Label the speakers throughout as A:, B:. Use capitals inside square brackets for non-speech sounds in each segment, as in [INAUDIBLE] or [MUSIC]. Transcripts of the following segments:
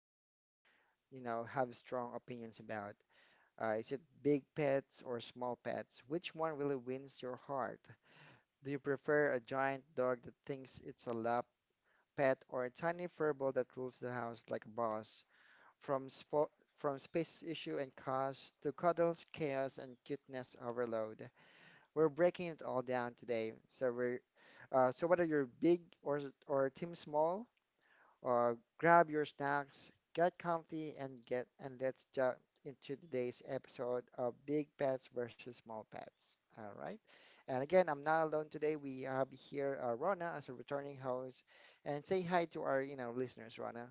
A: everywhere, have strong opinions about. Is it big pets or small pets? Which one really wins your heart? Do you prefer a giant dog that thinks it's a lap pet or a tiny furball that rules the house like a boss? From spo from space issue and cost to cuddles, chaos, and cuteness overload. We're breaking it all down today. So whether you're big or team small, uh, grab your snacks, get comfy, and get and let's jump into today's episode of Big Pets versus Small Pets. All right. And again, I'm not alone today. We have here Rona as a returning host, and say hi to our listeners, Rona.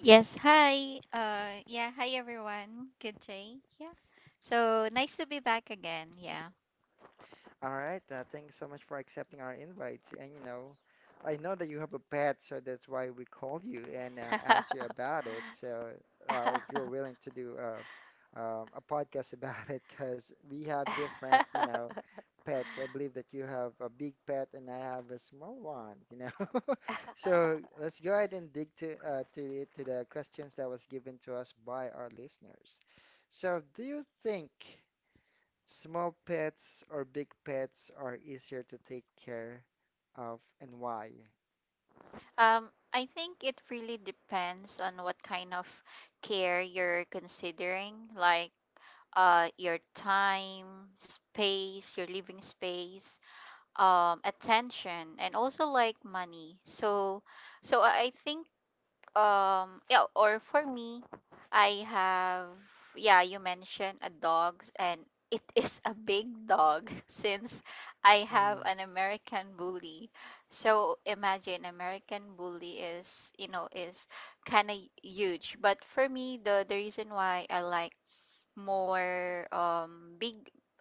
B: Yes, hi. Yeah, Hi everyone. Good day. Yeah. So nice to be back again. Yeah.
A: All right. Thanks so much for accepting our invites. I know that you have a pet, so that's why we called you and asked you
B: [LAUGHS]
A: about it. So if you're willing to do a podcast [LAUGHS] about it, because we have different, pets. I believe that you have a big pet and I have a small one. You know. [LAUGHS] So let's go ahead and dig to to the questions that was given to us by our listeners. So do you think? Small pets or big pets are easier to take care of and why?
B: I think it really depends on what kind of care you're considering, like your time, space, your living space, attention and also like money. So I think yeah, or for me, I have, yeah, you mentioned a dog, and it [LAUGHS] is a big dog [LAUGHS] since I have
A: Mm,
B: an American bully. So imagine American bully is, you know, is kind of huge. But for me, the reason why I like more big,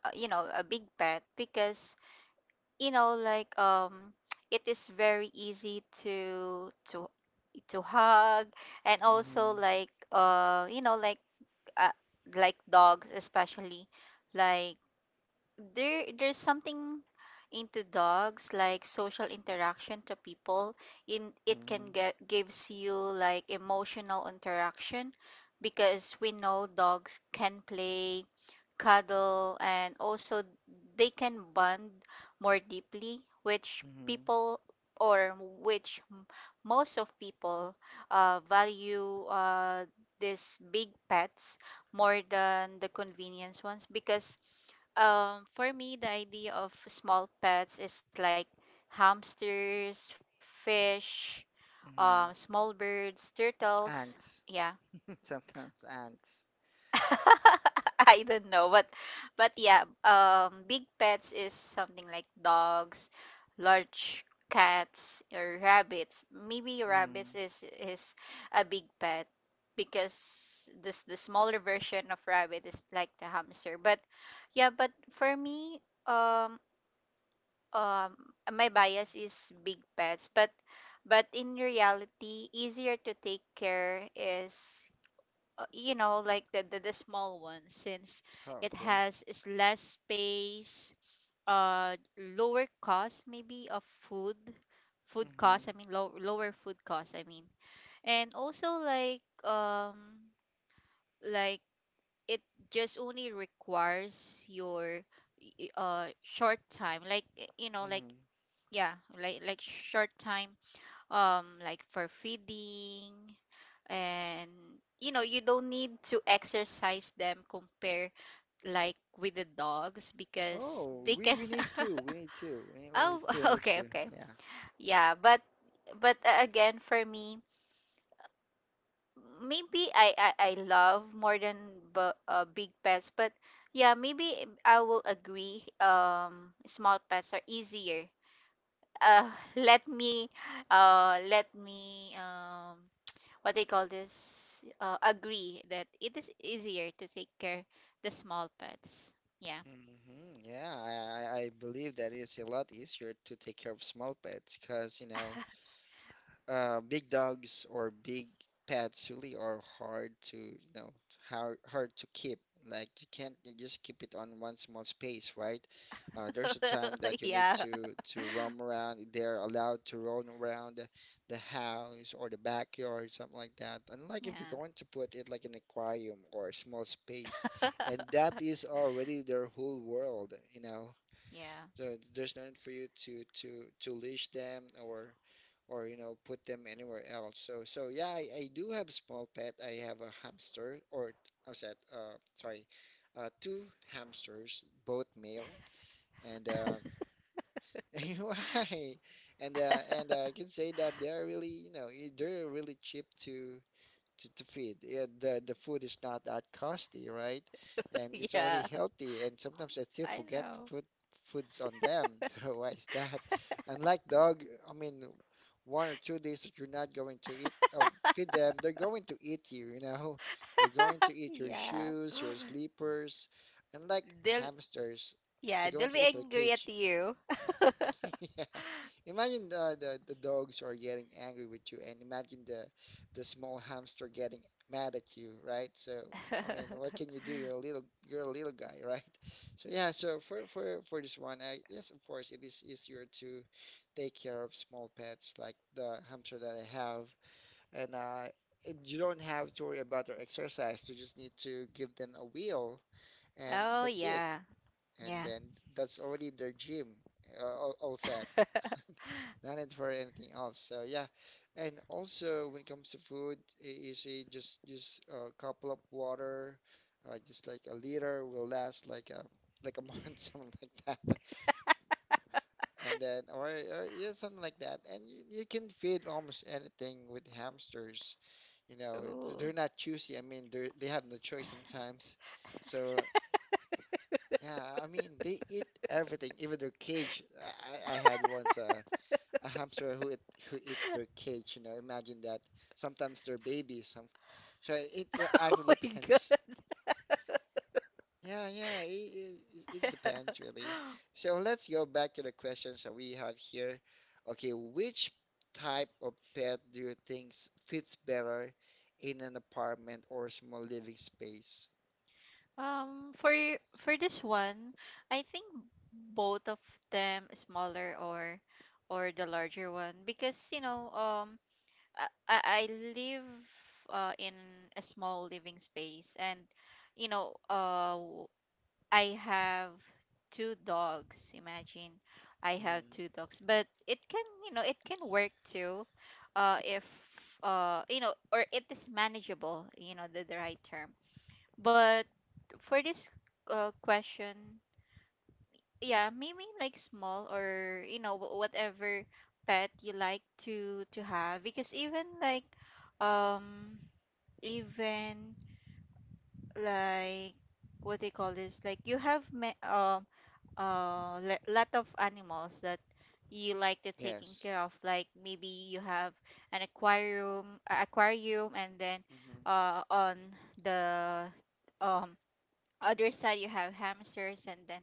B: you know, a big pet because you know like [TSK] it is very easy to hug and also
A: mhm,
B: like you know uh, like dogs especially like there's something into dogs like social interaction to people in it can
A: mhm,
B: get gives you like emotional interaction because we know dogs can play cuddle, and also they can bond more deeply, which
A: mhm,
B: people or which m- most of people value these big pets more than the convenience ones because for me, the idea of small pets is like hamsters, fish,
A: mhm.
B: small birds, turtles.
A: Ants.
B: Yeah,
A: [LAUGHS] Sometimes ants.
B: [LAUGHS] I don't know, but yeah, big pets is something like dogs, large cats or rabbits. Maybe rabbits
A: Mm.
B: is is a big pet because this the smaller version of rabbit is like the hamster. But yeah, but for me, um, um, my bias is big pets, but in reality, easier to take care is you know like the small ones since
A: Oh,
B: it
A: okay.
B: has is less space uh lower cost maybe of food food cost
A: Mhm,
B: I mean low, lower food cost I mean and also like it just only requires your short time like you know like
A: mhm.
B: yeah like short time like for feeding and you know you don't need to exercise them compare like with the dogs because
A: Oh,
B: they
A: we,
B: can
A: we need to. We need to. We,
B: [LAUGHS]
A: we
B: oh
A: still
B: [LAUGHS]
A: need
B: okay
A: to.
B: okay
A: Yeah.
B: yeah but again for me maybe I love more than big pets but yeah maybe I will agree small pets are easier uh [LAUGHS] let me let me what they call this agree that it is easier to take care the small pets yeah
A: Mhm. Yeah, I believe that it's a lot easier to take care of small pets because, you know, big dogs or big pets really are hard to keep. Like you can't you just keep it on one small space, right? There's a time that
B: [LAUGHS]
A: you need
B: yeah
A: to roam around. They're allowed to roam around the house or the backyard, something like that. Unlike if you're
B: yeah
A: going to put it like an aquarium or a small space, and
B: [LAUGHS]
A: that is already their whole world.
B: yeah
A: There's no need for you to leash them or put them anywhere else. So yeah, I do have small pet. I have a hamster or I said sorry, two hamsters, both male, and [LAUGHS] why? And I can say that they are really you know they're really cheap to feed. Yeah, the food is not that costly, right? And it's already
B: yeah
A: healthy. And sometimes I still
B: I
A: forget to
B: know
A: put foods on them. [LAUGHS] So why is that? Unlike dog, I mean, 1 or 2 days that you're not going to eat or feed them, they're going to eat you. [LAUGHS] They're going to eat your
B: yeah [GASPS]
A: shoes, your
B: [LAUGHS]
A: sleepers. Unlike
B: they'll
A: hamsters,
B: yeah
A: they're going
B: they'll
A: to
B: be
A: eat their
B: angry at
A: cage.
B: you
A: [LAUGHS] Yeah. Imagine the dogs are getting angry with you, and imagine the small hamster getting mad at you, right? So, I mean, what
B: [LAUGHS]
A: can you do? You're a little guy, [LAUGHS] right? So yeah, so for this one, I, yes, of course, it is easier to take care of small pets like the hamster that I have, and you don't have to worry about their exercise. You just need to give them a wheel, and
B: oh
A: that's it
B: yeah
A: and
B: yeah
A: then
B: [LAUGHS]
A: that's already their gym, all set. [LAUGHS] Not need for anything else. So yeah, and also when it comes to food, you see, just a couple of water, just like a liter will last like a month, [LAUGHS] something like that. And then or yeah, something like that. And you can feed almost anything with hamsters.
B: Ooh.
A: They're not choosy. I mean, they have no choice sometimes. So yeah, I mean they eat everything, even their cage. I had once a hamster who eat, who eats their cage. Imagine that. Sometimes they're babies. Some so it
B: [LAUGHS] oh
A: actually
B: my god
A: depends. Yeah, yeah, it depends really.
B: [LAUGHS]
A: So let's go back to the questions that we have here. Okay, which type of pet do you think fits better in an apartment or small living space?
B: Um, for for this one, I think both of them, smaller or the larger one, because you know, I live in a small living space, and you know, I have two dogs. Imagine, I have two
A: Mm-hmm.
B: dogs, but it can, you know, it can work too, if you know, or it is manageable, you know, the right term but for this question, yeah, maybe like small or you know whatever pet you like to have because um even like what they call this like you have me lot of animals that you like to taking
A: Yes.
B: care of like maybe you have an aquarium and then
A: Mm-hmm.
B: on the um other side you have hamsters and then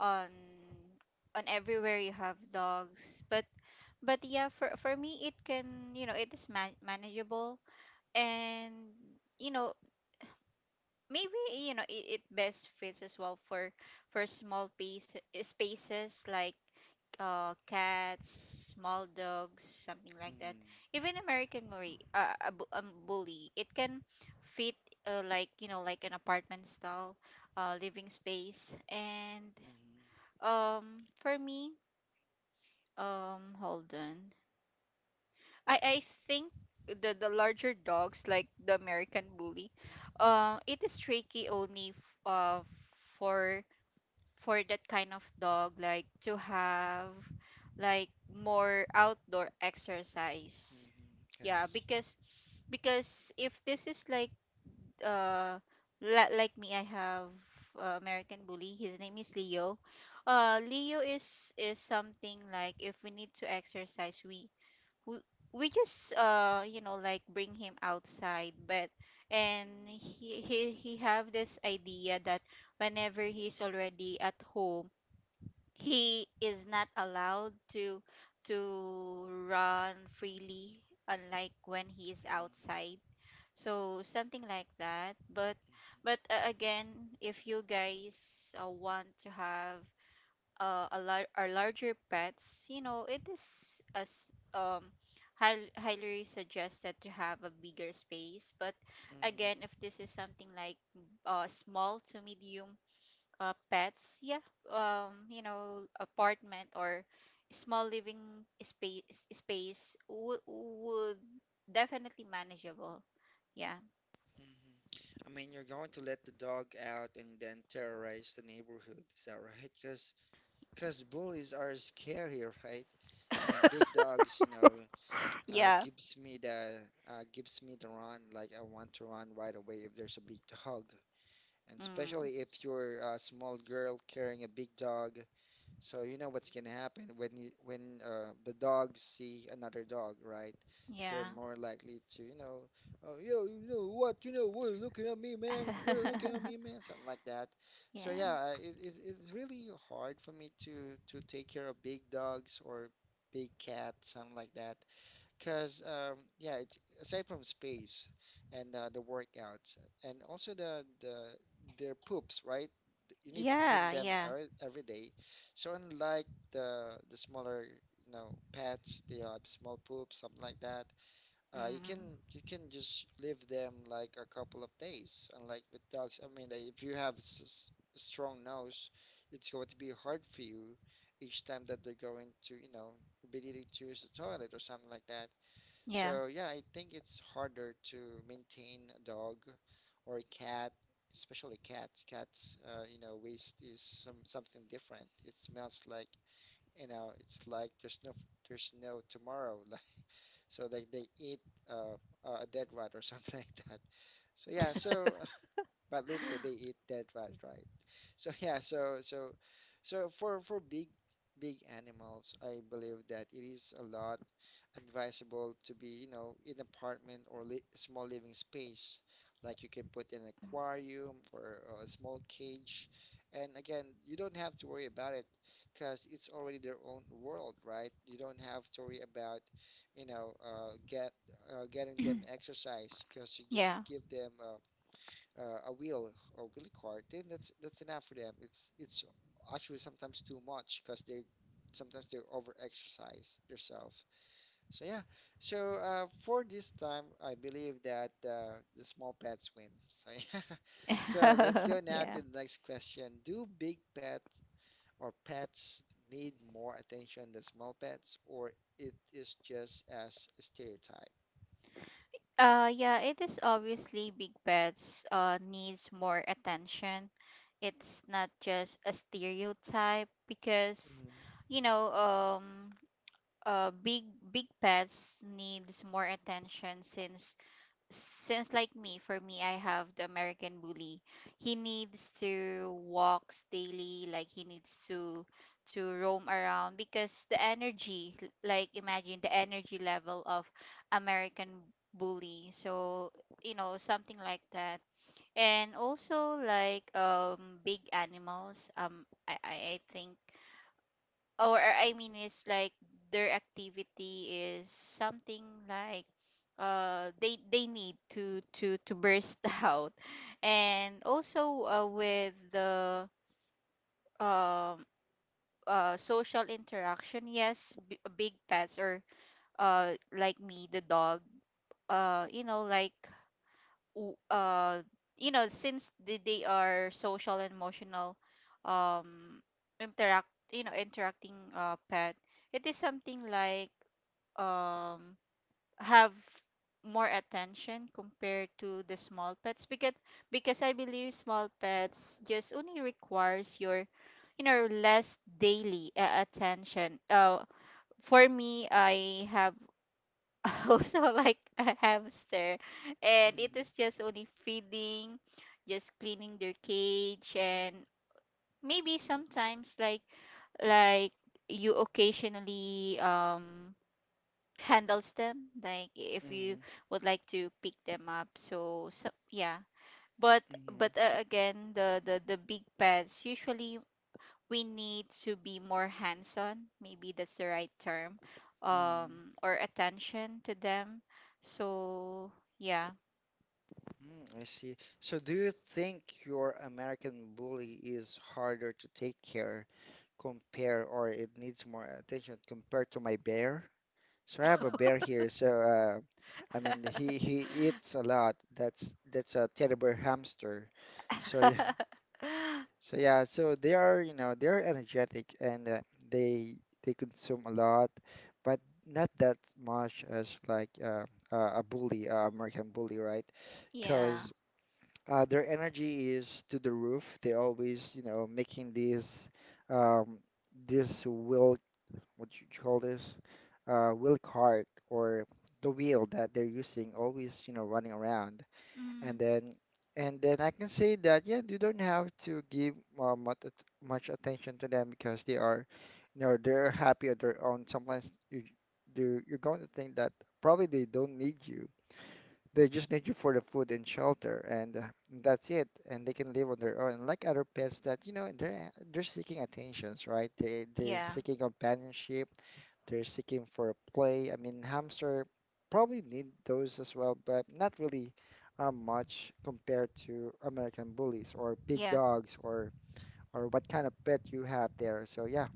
B: on on everywhere you have dogs but yeah for me it can you know it is manageable and you know maybe you know it, it best fits as well for small piece, spaces like cats, small dogs, something like that.
A: Mm-hmm.
B: Even American Marie, bully, it can fit like you know like an apartment style living space. And
A: Mm-hmm.
B: for me, hold on. I think the larger dogs like the American bully, it is tricky only for for that kind of dog like to have like more outdoor exercise.
A: Hmm.
B: Yeah,
A: Yes.
B: because if this is like uh like me, I have American bully. His name is Leo. Leo is something like if we need to exercise, we, we just you know like bring him outside but and
A: Mm-hmm.
B: he have this idea that whenever he's already at home he is not allowed to run freely unlike when he is outside so something like that but again if you guys want to have our larger pets, you know, it is as um highly suggested to have a bigger space. But
A: Mm-hmm.
B: again,
A: Mm-hmm.
B: if this is something like small to medium pets, yeah, you know, apartment or small living space would definitely manageable. Yeah.
A: Mm-hmm. I mean, you're going to let the dog out and then terrorize the neighborhood. Is that right? Because bullies are scary, right? I mean,
B: [LAUGHS]
A: big dogs, uh,
B: Yeah.
A: gives me the gives me the run. Like I want to run right away if there's a big dog, and
B: Mm,
A: especially if you're a small girl carrying a big dog. So you know what's gonna happen when the dogs see another dog, right? They're
B: yeah.
A: more likely to, you know, oh, yo, you know what, what are you looking at me, man? What are you looking at me,
B: [LAUGHS]
A: man? Something like that. So
B: yeah.
A: yeah, it's really hard for me to take care of big dogs or big cats, something like that. Because yeah, it's aside from space and the workouts and also the their poops, right? You need to clean
B: Yeah,
A: them
B: yeah.
A: every day. So unlike the smaller, pets, they have small poops, something like that. Uh, you can
B: Mm,
A: you can just leave them like a couple of days. Unlike with dogs, I mean, like, if you have strong nose, it's going to be hard for you each time that they're going to, be needing to use the toilet or something like that. So
B: yeah.
A: yeah, I think it's harder to maintain a dog or a cat, especially cats. Cats, waste is something different. It smells like, it's like there's no tomorrow. [LAUGHS] Like so, like they eat uh, a dead rat or something [LAUGHS] like that. So yeah, so [LAUGHS] but literally they eat dead rat, right? So [LAUGHS] yeah, so for big animals, I believe that it is a lot advisable to be, in apartment or li small living space. Like you can put an aquarium or a small cage. And again, you don't have to worry about it because it's already their own world, right? You don't have to worry about, you know, uh, get getting them exercise because you just
B: Yeah.
A: give them a wheel or wheel cart, then that's enough for them. It's actually sometimes too much because they sometimes they over exercise themselves. So yeah. So for this time, I believe that the small pets win. So yeah. [LAUGHS] So let's
B: [LAUGHS]
A: go now
B: yeah.
A: to the next question. Do big pets or pets need more attention than small pets, or it is just as a stereotype?
B: Yeah, it is obviously big pets needs more attention. It's not just a stereotype because
A: Mm-hmm.
B: you know, uh big big pets needs more attention since like me for me I have the american bully he needs to walks daily like he needs to roam around because the energy like imagine the energy level of american bully so you know something like that and also like big animals I think or I mean it's like their activity is something like they need to burst [LAUGHS] out and also with the um social interaction yes big pets or like me the dog you know like w- uh you know since they are social and emotional um interact you know interacting pet it is something like um have more attention compared to the small pets because I believe small pets just only requires your you know less daily attention for me I have [LAUGHS] also like a hamster and it is just only feeding just cleaning their cage and maybe sometimes like you occasionally handles them like if you
A: Mm-hmm.
B: would like to pick them up so so yeah but
A: Mm-hmm.
B: but again the big pets usually we need to be more hands-on maybe that's the right term
A: Mm-hmm.
B: or attention to them so yeah
A: Mm, I see. So do you think your American bully is harder to take care, compare, or it needs more attention compared to my bear? So I have a bear here. So I mean, he eats a lot. That's a terrible hamster. So [LAUGHS] yeah,
B: [LAUGHS]
A: so they are, they're energetic and they they consume a lot, but not that much as like a bully, American bully, right?
B: yeah
A: Because their energy is to the roof. They always, making these um, this wheel, what you call this, wheel cart or the wheel that they're using, always, running around. And
B: mm,
A: then and then I can say that yeah, you don't have to give uh, much at- much attention to them because they are, they're happy on their own. Sometimes you're going to think that probably they don't need you. They just need you for the food and shelter, and that's it. And they can live on their own, like other pets that, they're seeking attentions, right? They're
B: yeah
A: seeking companionship, they're seeking for play. I mean, hamster probably need those as well, but not really much compared to American bullies or big
B: yeah
A: dogs or what kind of pet you have there. So yeah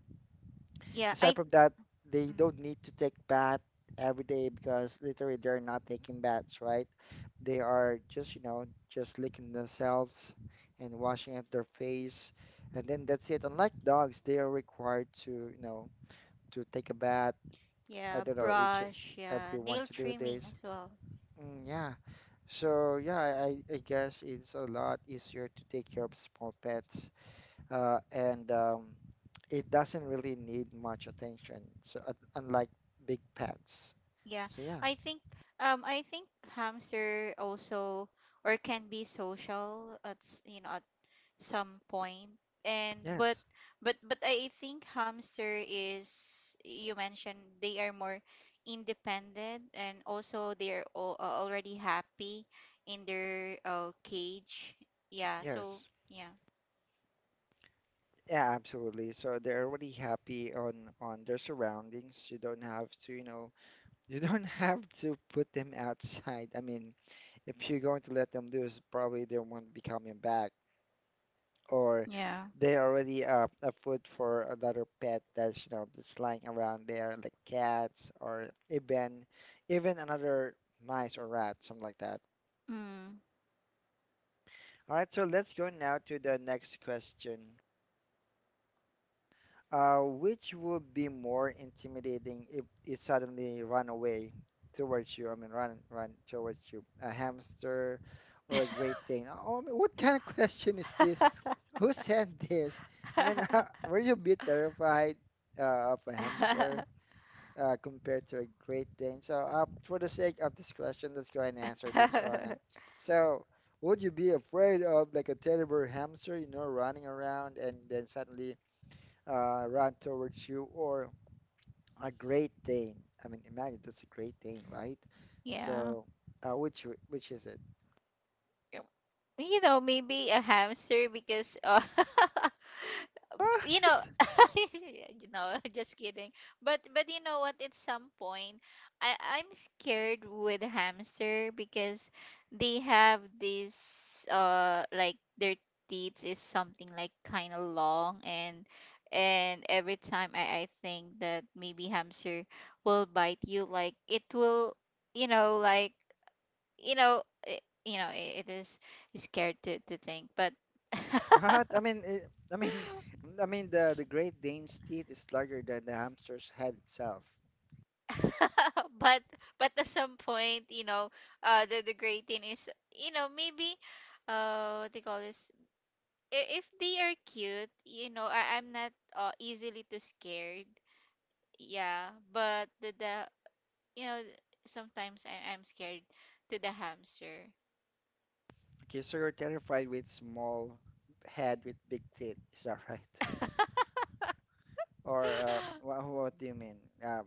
B: yeah
A: aside
B: I
A: from that, they
B: mm,
A: don't need to take bath every day because literally they're not taking baths, right? They are just licking themselves and washing up their face, and then that's it. Unlike dogs, they are required to, to take a bath. I
B: yeah
A: don't know, each
B: brush yeah
A: every one
B: nail
A: to do
B: trimming
A: this.
B: as well
A: Mm, yeah. So yeah, I guess it's a lot easier to take care of small pets. And It doesn't really need much attention. So unlike big pets.
B: yeah
A: So yeah,
B: i think I think hamster also or can be social at you know at some point and
A: yes,
B: but I think hamster is you mentioned they are more independent and also they're already happy in their cage yeah so
A: yes,
B: yeah
A: yeah, absolutely. So they're already happy on their surroundings. You don't have to, [LAUGHS] you don't have to put them outside. I mean, if you're going to let them loose, probably they won't be coming back, or
B: Yeah.
A: they're already a food for another pet that's, you know, that's lying around there, like cats or even another mice or rat, something like that.
B: mm.
A: All right, so let's go now to the next question. Which would be more intimidating if it suddenly ran away towards you? I mean, run towards you. A hamster or a Great Dane? Oh, I mean, what [LAUGHS] kind of question is this?
B: [LAUGHS]
A: Who said this? I mean, [LAUGHS] were you a bit terrified of a hamster? Compared to a Great Dane. So, for the sake of discretion, let's go ahead and answer this, Rana.
B: [LAUGHS]
A: So, would you be afraid of like a teddy bear hamster, you know, running around and then suddenly run towards you, or a Great Dane? I mean, imagine that's a Great Dane, right?
B: Yeah.
A: So, uh, which which is it?
B: Um, You know, maybe a hamster because [LAUGHS] you know,
A: What? [LAUGHS]
B: [LAUGHS] you know, [LAUGHS] just kidding. But you know what? At some point, I'm scared with hamster because they have this like their teeth is something like kind of long and every time I think that maybe hamster will bite you like it will you know like you know you know it, it is scared to think but
A: What? I mean the Great Dane's teeth is larger than the hamster's head itself.
B: [LAUGHS] but but at some point you know the great thing is you know maybe what they call this if they are cute you know I'm not easily too scared yeah but the you know sometimes I'm scared to the hamster
A: Okay, so you're terrified with small head with big teeth, is that [LAUGHS] right?
B: [LAUGHS]
A: Or what do you mean? Uh,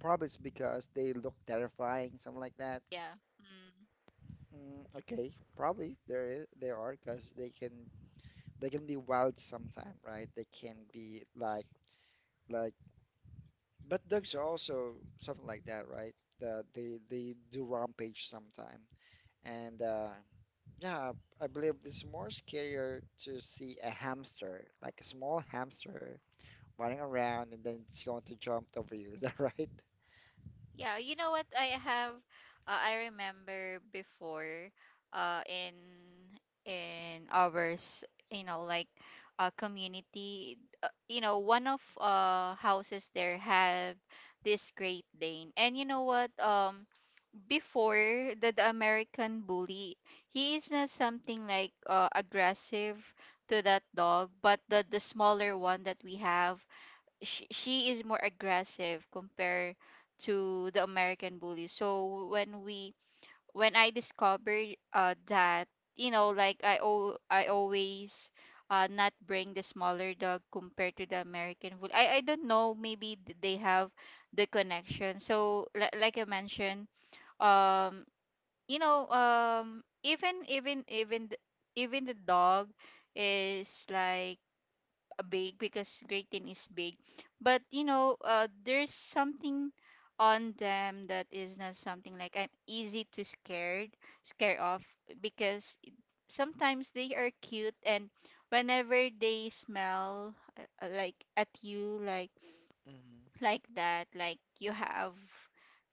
A: Probably it's because they look terrifying, something like that.
B: yeah Mm.
A: Mm, okay, they are because they can be wild sometime, right? They can be like, but dogs are also something like that, right? They do rampage sometime, and yeah, I believe it's more scarier to see a hamster, like a small hamster running around, and then it's going to jump over you. [LAUGHS] Is that right?
B: Yeah, you know what? I have, I remember before, uh, in in ours, you know, like community, you know, one of houses there have this Great Dane, and you know what? Before the American bully, he is not something like aggressive to that dog, but the smaller one that we have she is more aggressive compared to the American bully. So when we when I discovered that you know like I always not bring the smaller dog compared to the American bully. I don't know maybe they have the connection. So like I mentioned um you know even the dog is like big because gratin is big. But you know, there's something on them that is not something like I'm easy to scared scare off because sometimes they are cute and whenever they smell like at you
A: Mm-hmm.
B: like that like you have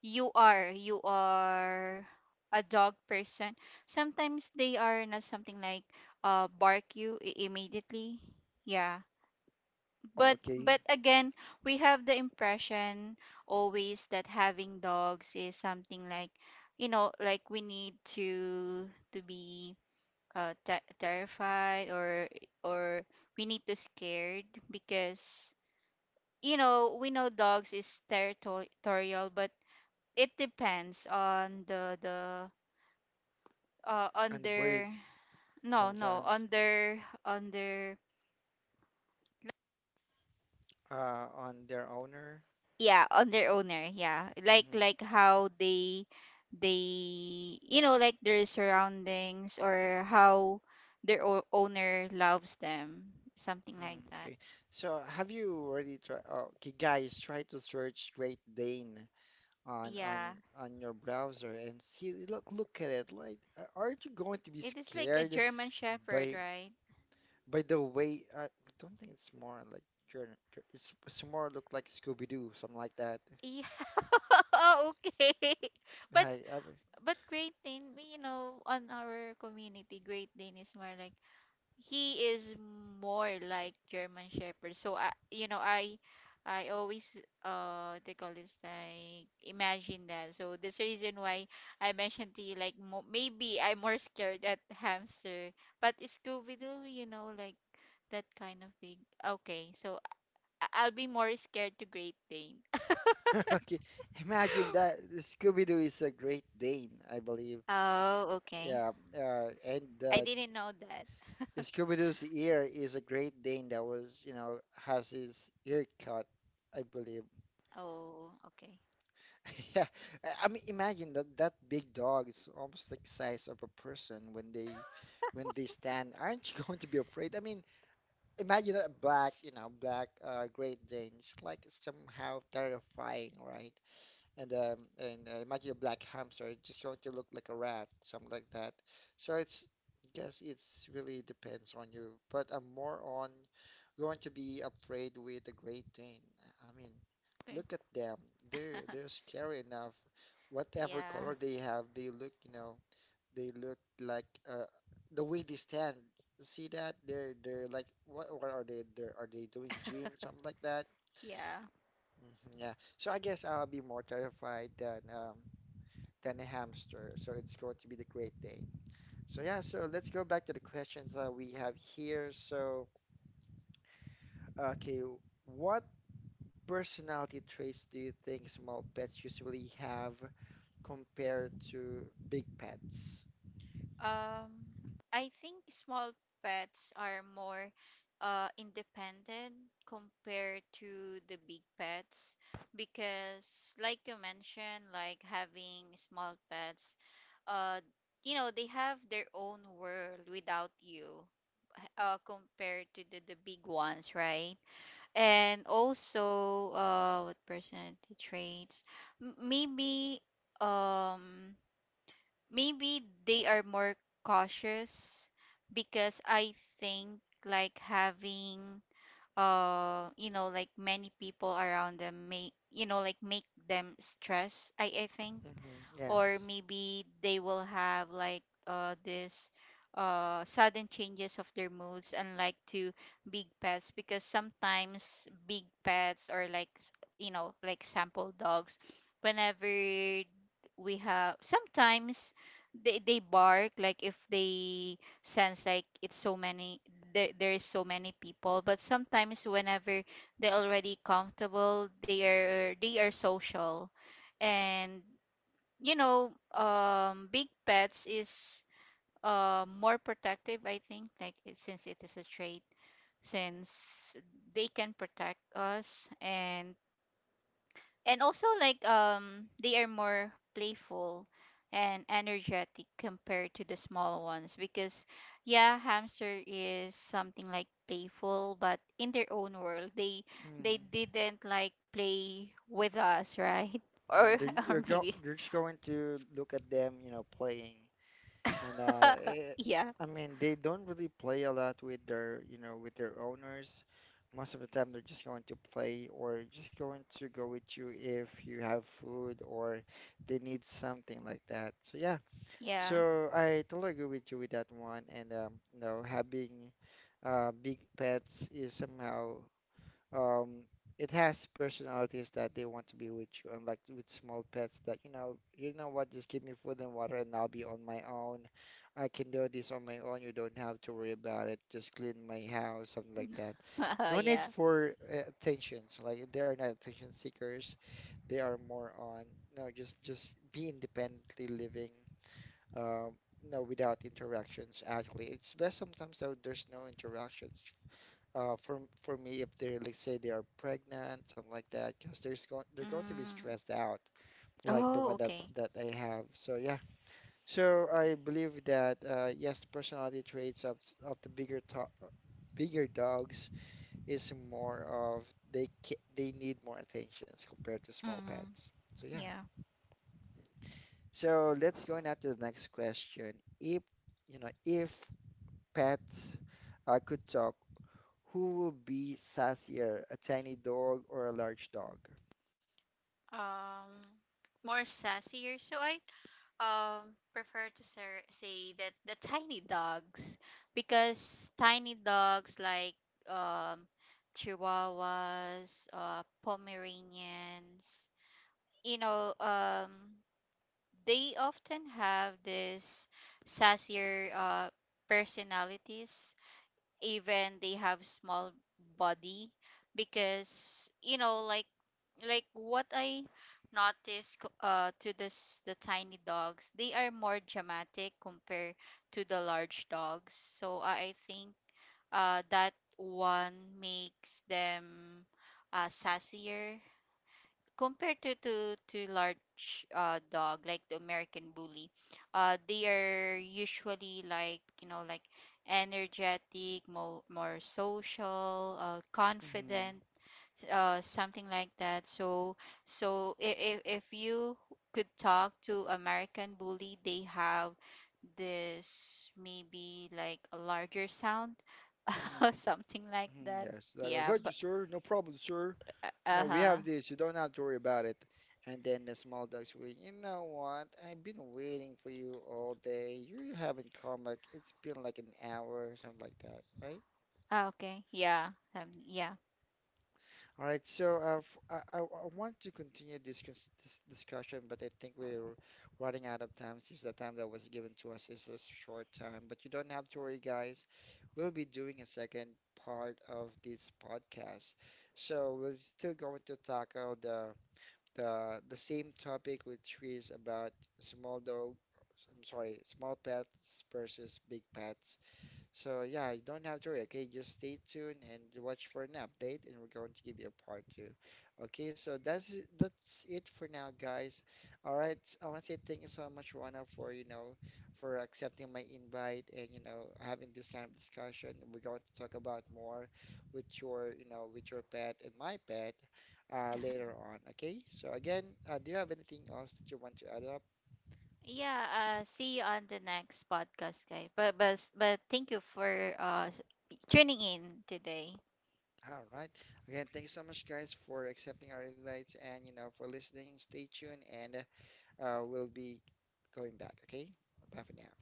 B: you are a dog person sometimes they are not something like bark you immediately yeah
A: Oh, okay.
B: but again we have the impression always that having dogs is something like you know like we need to be terrified or we need to scared because you know we know dogs is territorial but it depends on the
A: And the breed
B: under no no
A: sometimes
B: under under
A: on their owner.
B: yeah on their owner yeah
A: Mm-hmm.
B: like how they you know like their surroundings or how their owner loves them something like
A: Mm,
B: that
A: okay. So have you already tried? Okay, guys, try to search Great Dane on
B: yeah
A: on your browser and see. Look, look at it. Like, aren't you going to be
B: it is like a
A: scared
B: german shepherd
A: by
B: right
A: by the way? I don't think it's more like Journey. It's more look like Scooby-Doo, something like that.
B: yeah [LAUGHS] okay [LAUGHS] but
A: Like, I,
B: but great dane we you know on our community great dane is more like he is more like German Shepherd. So I, you know, I always they call this like imagine that. So that's the reason why I mentioned to you like maybe I'm more scared at [LAUGHS] hamster, but Scooby Doo, you know, like that kind of big. Okay, so I'll be more scared to Great Dane.
A: [LAUGHS] okay, imagine
B: [LAUGHS]
A: that Scooby-Doo is a Great Dane, I believe.
B: Oh, okay.
A: Yeah, and
B: I didn't know that.
A: Scooby-Doo's ear is a Great Dane that was, you know, has his ear cut, I believe.
B: [LAUGHS] Oh, okay.
A: [LAUGHS] Yeah, I mean, imagine that that big dog is almost like size of a person when they stand. Aren't you [LAUGHS] going to be afraid? I mean, imagine a black, you know, black Great Dane. It's like somehow terrifying, right? And imagine a black hamster just going to look like a rat, something like that. So it's guess it's really depends on you, but I'm more on going to be afraid with the Great Dane. I mean,
B: Okay.
A: look at them. They're scary enough. Whatever
B: Yeah,
A: color they have, they look, you know, they look like the way they stand. See that? They're like what are they? They're, are they doing gym, something like that?
B: yeah.
A: Hmm, yeah. So I guess I'll be more terrified than a hamster. So it's going to be the Great Dane. So yeah, so let's go back to the questions that we have here. So, okay, what personality traits do you think small pets usually have compared to big pets?
B: Um, I think small pets are more independent compared to the big pets because, like you mentioned, like having small pets, uh, you know, they have their own world without you compared to the big ones, right? And also, what personality traits? Maybe, um, maybe they are more cautious because I think like having you know like many people around them may you know like make them stress I think
A: Hmm,
B: or
A: yes.
B: maybe they will have like this sudden changes of their moods unlike to big pets because sometimes big pets or like you know like sample dogs whenever we have sometimes they bark like if they sense like it's so many there is so many people but sometimes whenever they're already comfortable they are social and you know, big pets is more protective, I think, like since it is a trait, since they can protect us and also like they are more playful and energetic compared to the small ones because yeah hamster is something like playful but in their own world
A: Mm-hmm.
B: they didn't like play with us right [LAUGHS] or
A: They're,
B: or maybe
A: you're just going to look at them, you know, playing. And uh,
B: [LAUGHS]
A: it,
B: yeah
A: I mean, they don't really play a lot with their, you know, with their owners. Most of the time, they're just going to play or just going to go with you if you have food or they need something like that. So yeah,
B: Yeah.
A: so I totally agree with you with that one. And you know, having big pets is somehow um, it has personalities that they want to be with you, unlike with small pets that, you know what, just give me food and water and I'll be on my own. I can do this on my own. You don't have to worry about it. Just clean my house, something like that.
B: [LAUGHS]
A: No need
B: Yeah.
A: for attentions. Like they are not attention seekers. They are more on, no, just be independently living. Um, no, without interactions. Actually, it's best sometimes that there's no interactions uh, for for me, if they're like say they are pregnant, something like that, because there's going they're going to be
B: Mm.
A: stressed out, like the
B: Oh,
A: one
B: okay.
A: that I have. So yeah, so I believe that yes, personality traits of the bigger to bigger dogs is more of they need more attentions compared to small
B: Mm.
A: pets. So yeah,
B: Yeah.
A: so let's go now to the next question. If you know if pets I could talk, who would be sassier, a tiny dog or a large dog?
B: um More sassier so I prefer to say that the tiny dogs because tiny dogs like um chihuahuas pomeranians you know they often have this sassier personalities even they have small body because you know like what I noticed to this the tiny dogs they are more dramatic compared to the large dogs so I think that one makes them sassier compared to large dog like the American bully, they are usually like you know like energetic, more social,
A: Mm-hmm.
B: confident, something like that. So so if you could talk to American bully, they have this maybe like a larger sound, [LAUGHS]
A: Mm-hmm.
B: something like
A: Mm-hmm.
B: that.
A: Yes, like, I
B: Yeah,
A: got you,
B: but
A: sir. No problem, sir.
B: uh
A: No, we
B: huh.
A: have this. You don't have to worry about it. And then the small dog's will, you know what? I've been waiting for you all day. You haven't come. Like, it's been like an hour or something like that, right?"
B: Okay, yeah, yeah.
A: All right, so I want to continue this, this discussion, but I think we're running out of time since the time that was given to us is a short time. But you don't have to worry, guys. We'll be doing a second part of this podcast. So we're still going to tackle the same topic, which is about small dog, I'm sorry, small pets versus big pets. So yeah, you don't have to worry. Okay, just stay tuned and watch for an update, and we're going to give you a part two. Okay, so that's it for now, guys. All right, I want to say thank you so much, Rana, for you know, for accepting my invite and you know having this kind of discussion. We're going to talk about more with your you know with your pet and my pet later on. Okay, so again, do you have anything else that you want to add up?
B: Yeah, see you on the next podcast, guys. But thank you for tuning in today.
A: All right. Again, thank you so much, guys, for accepting our invites and, you know, for listening. Stay tuned, and we'll be going back, okay? Bye for now.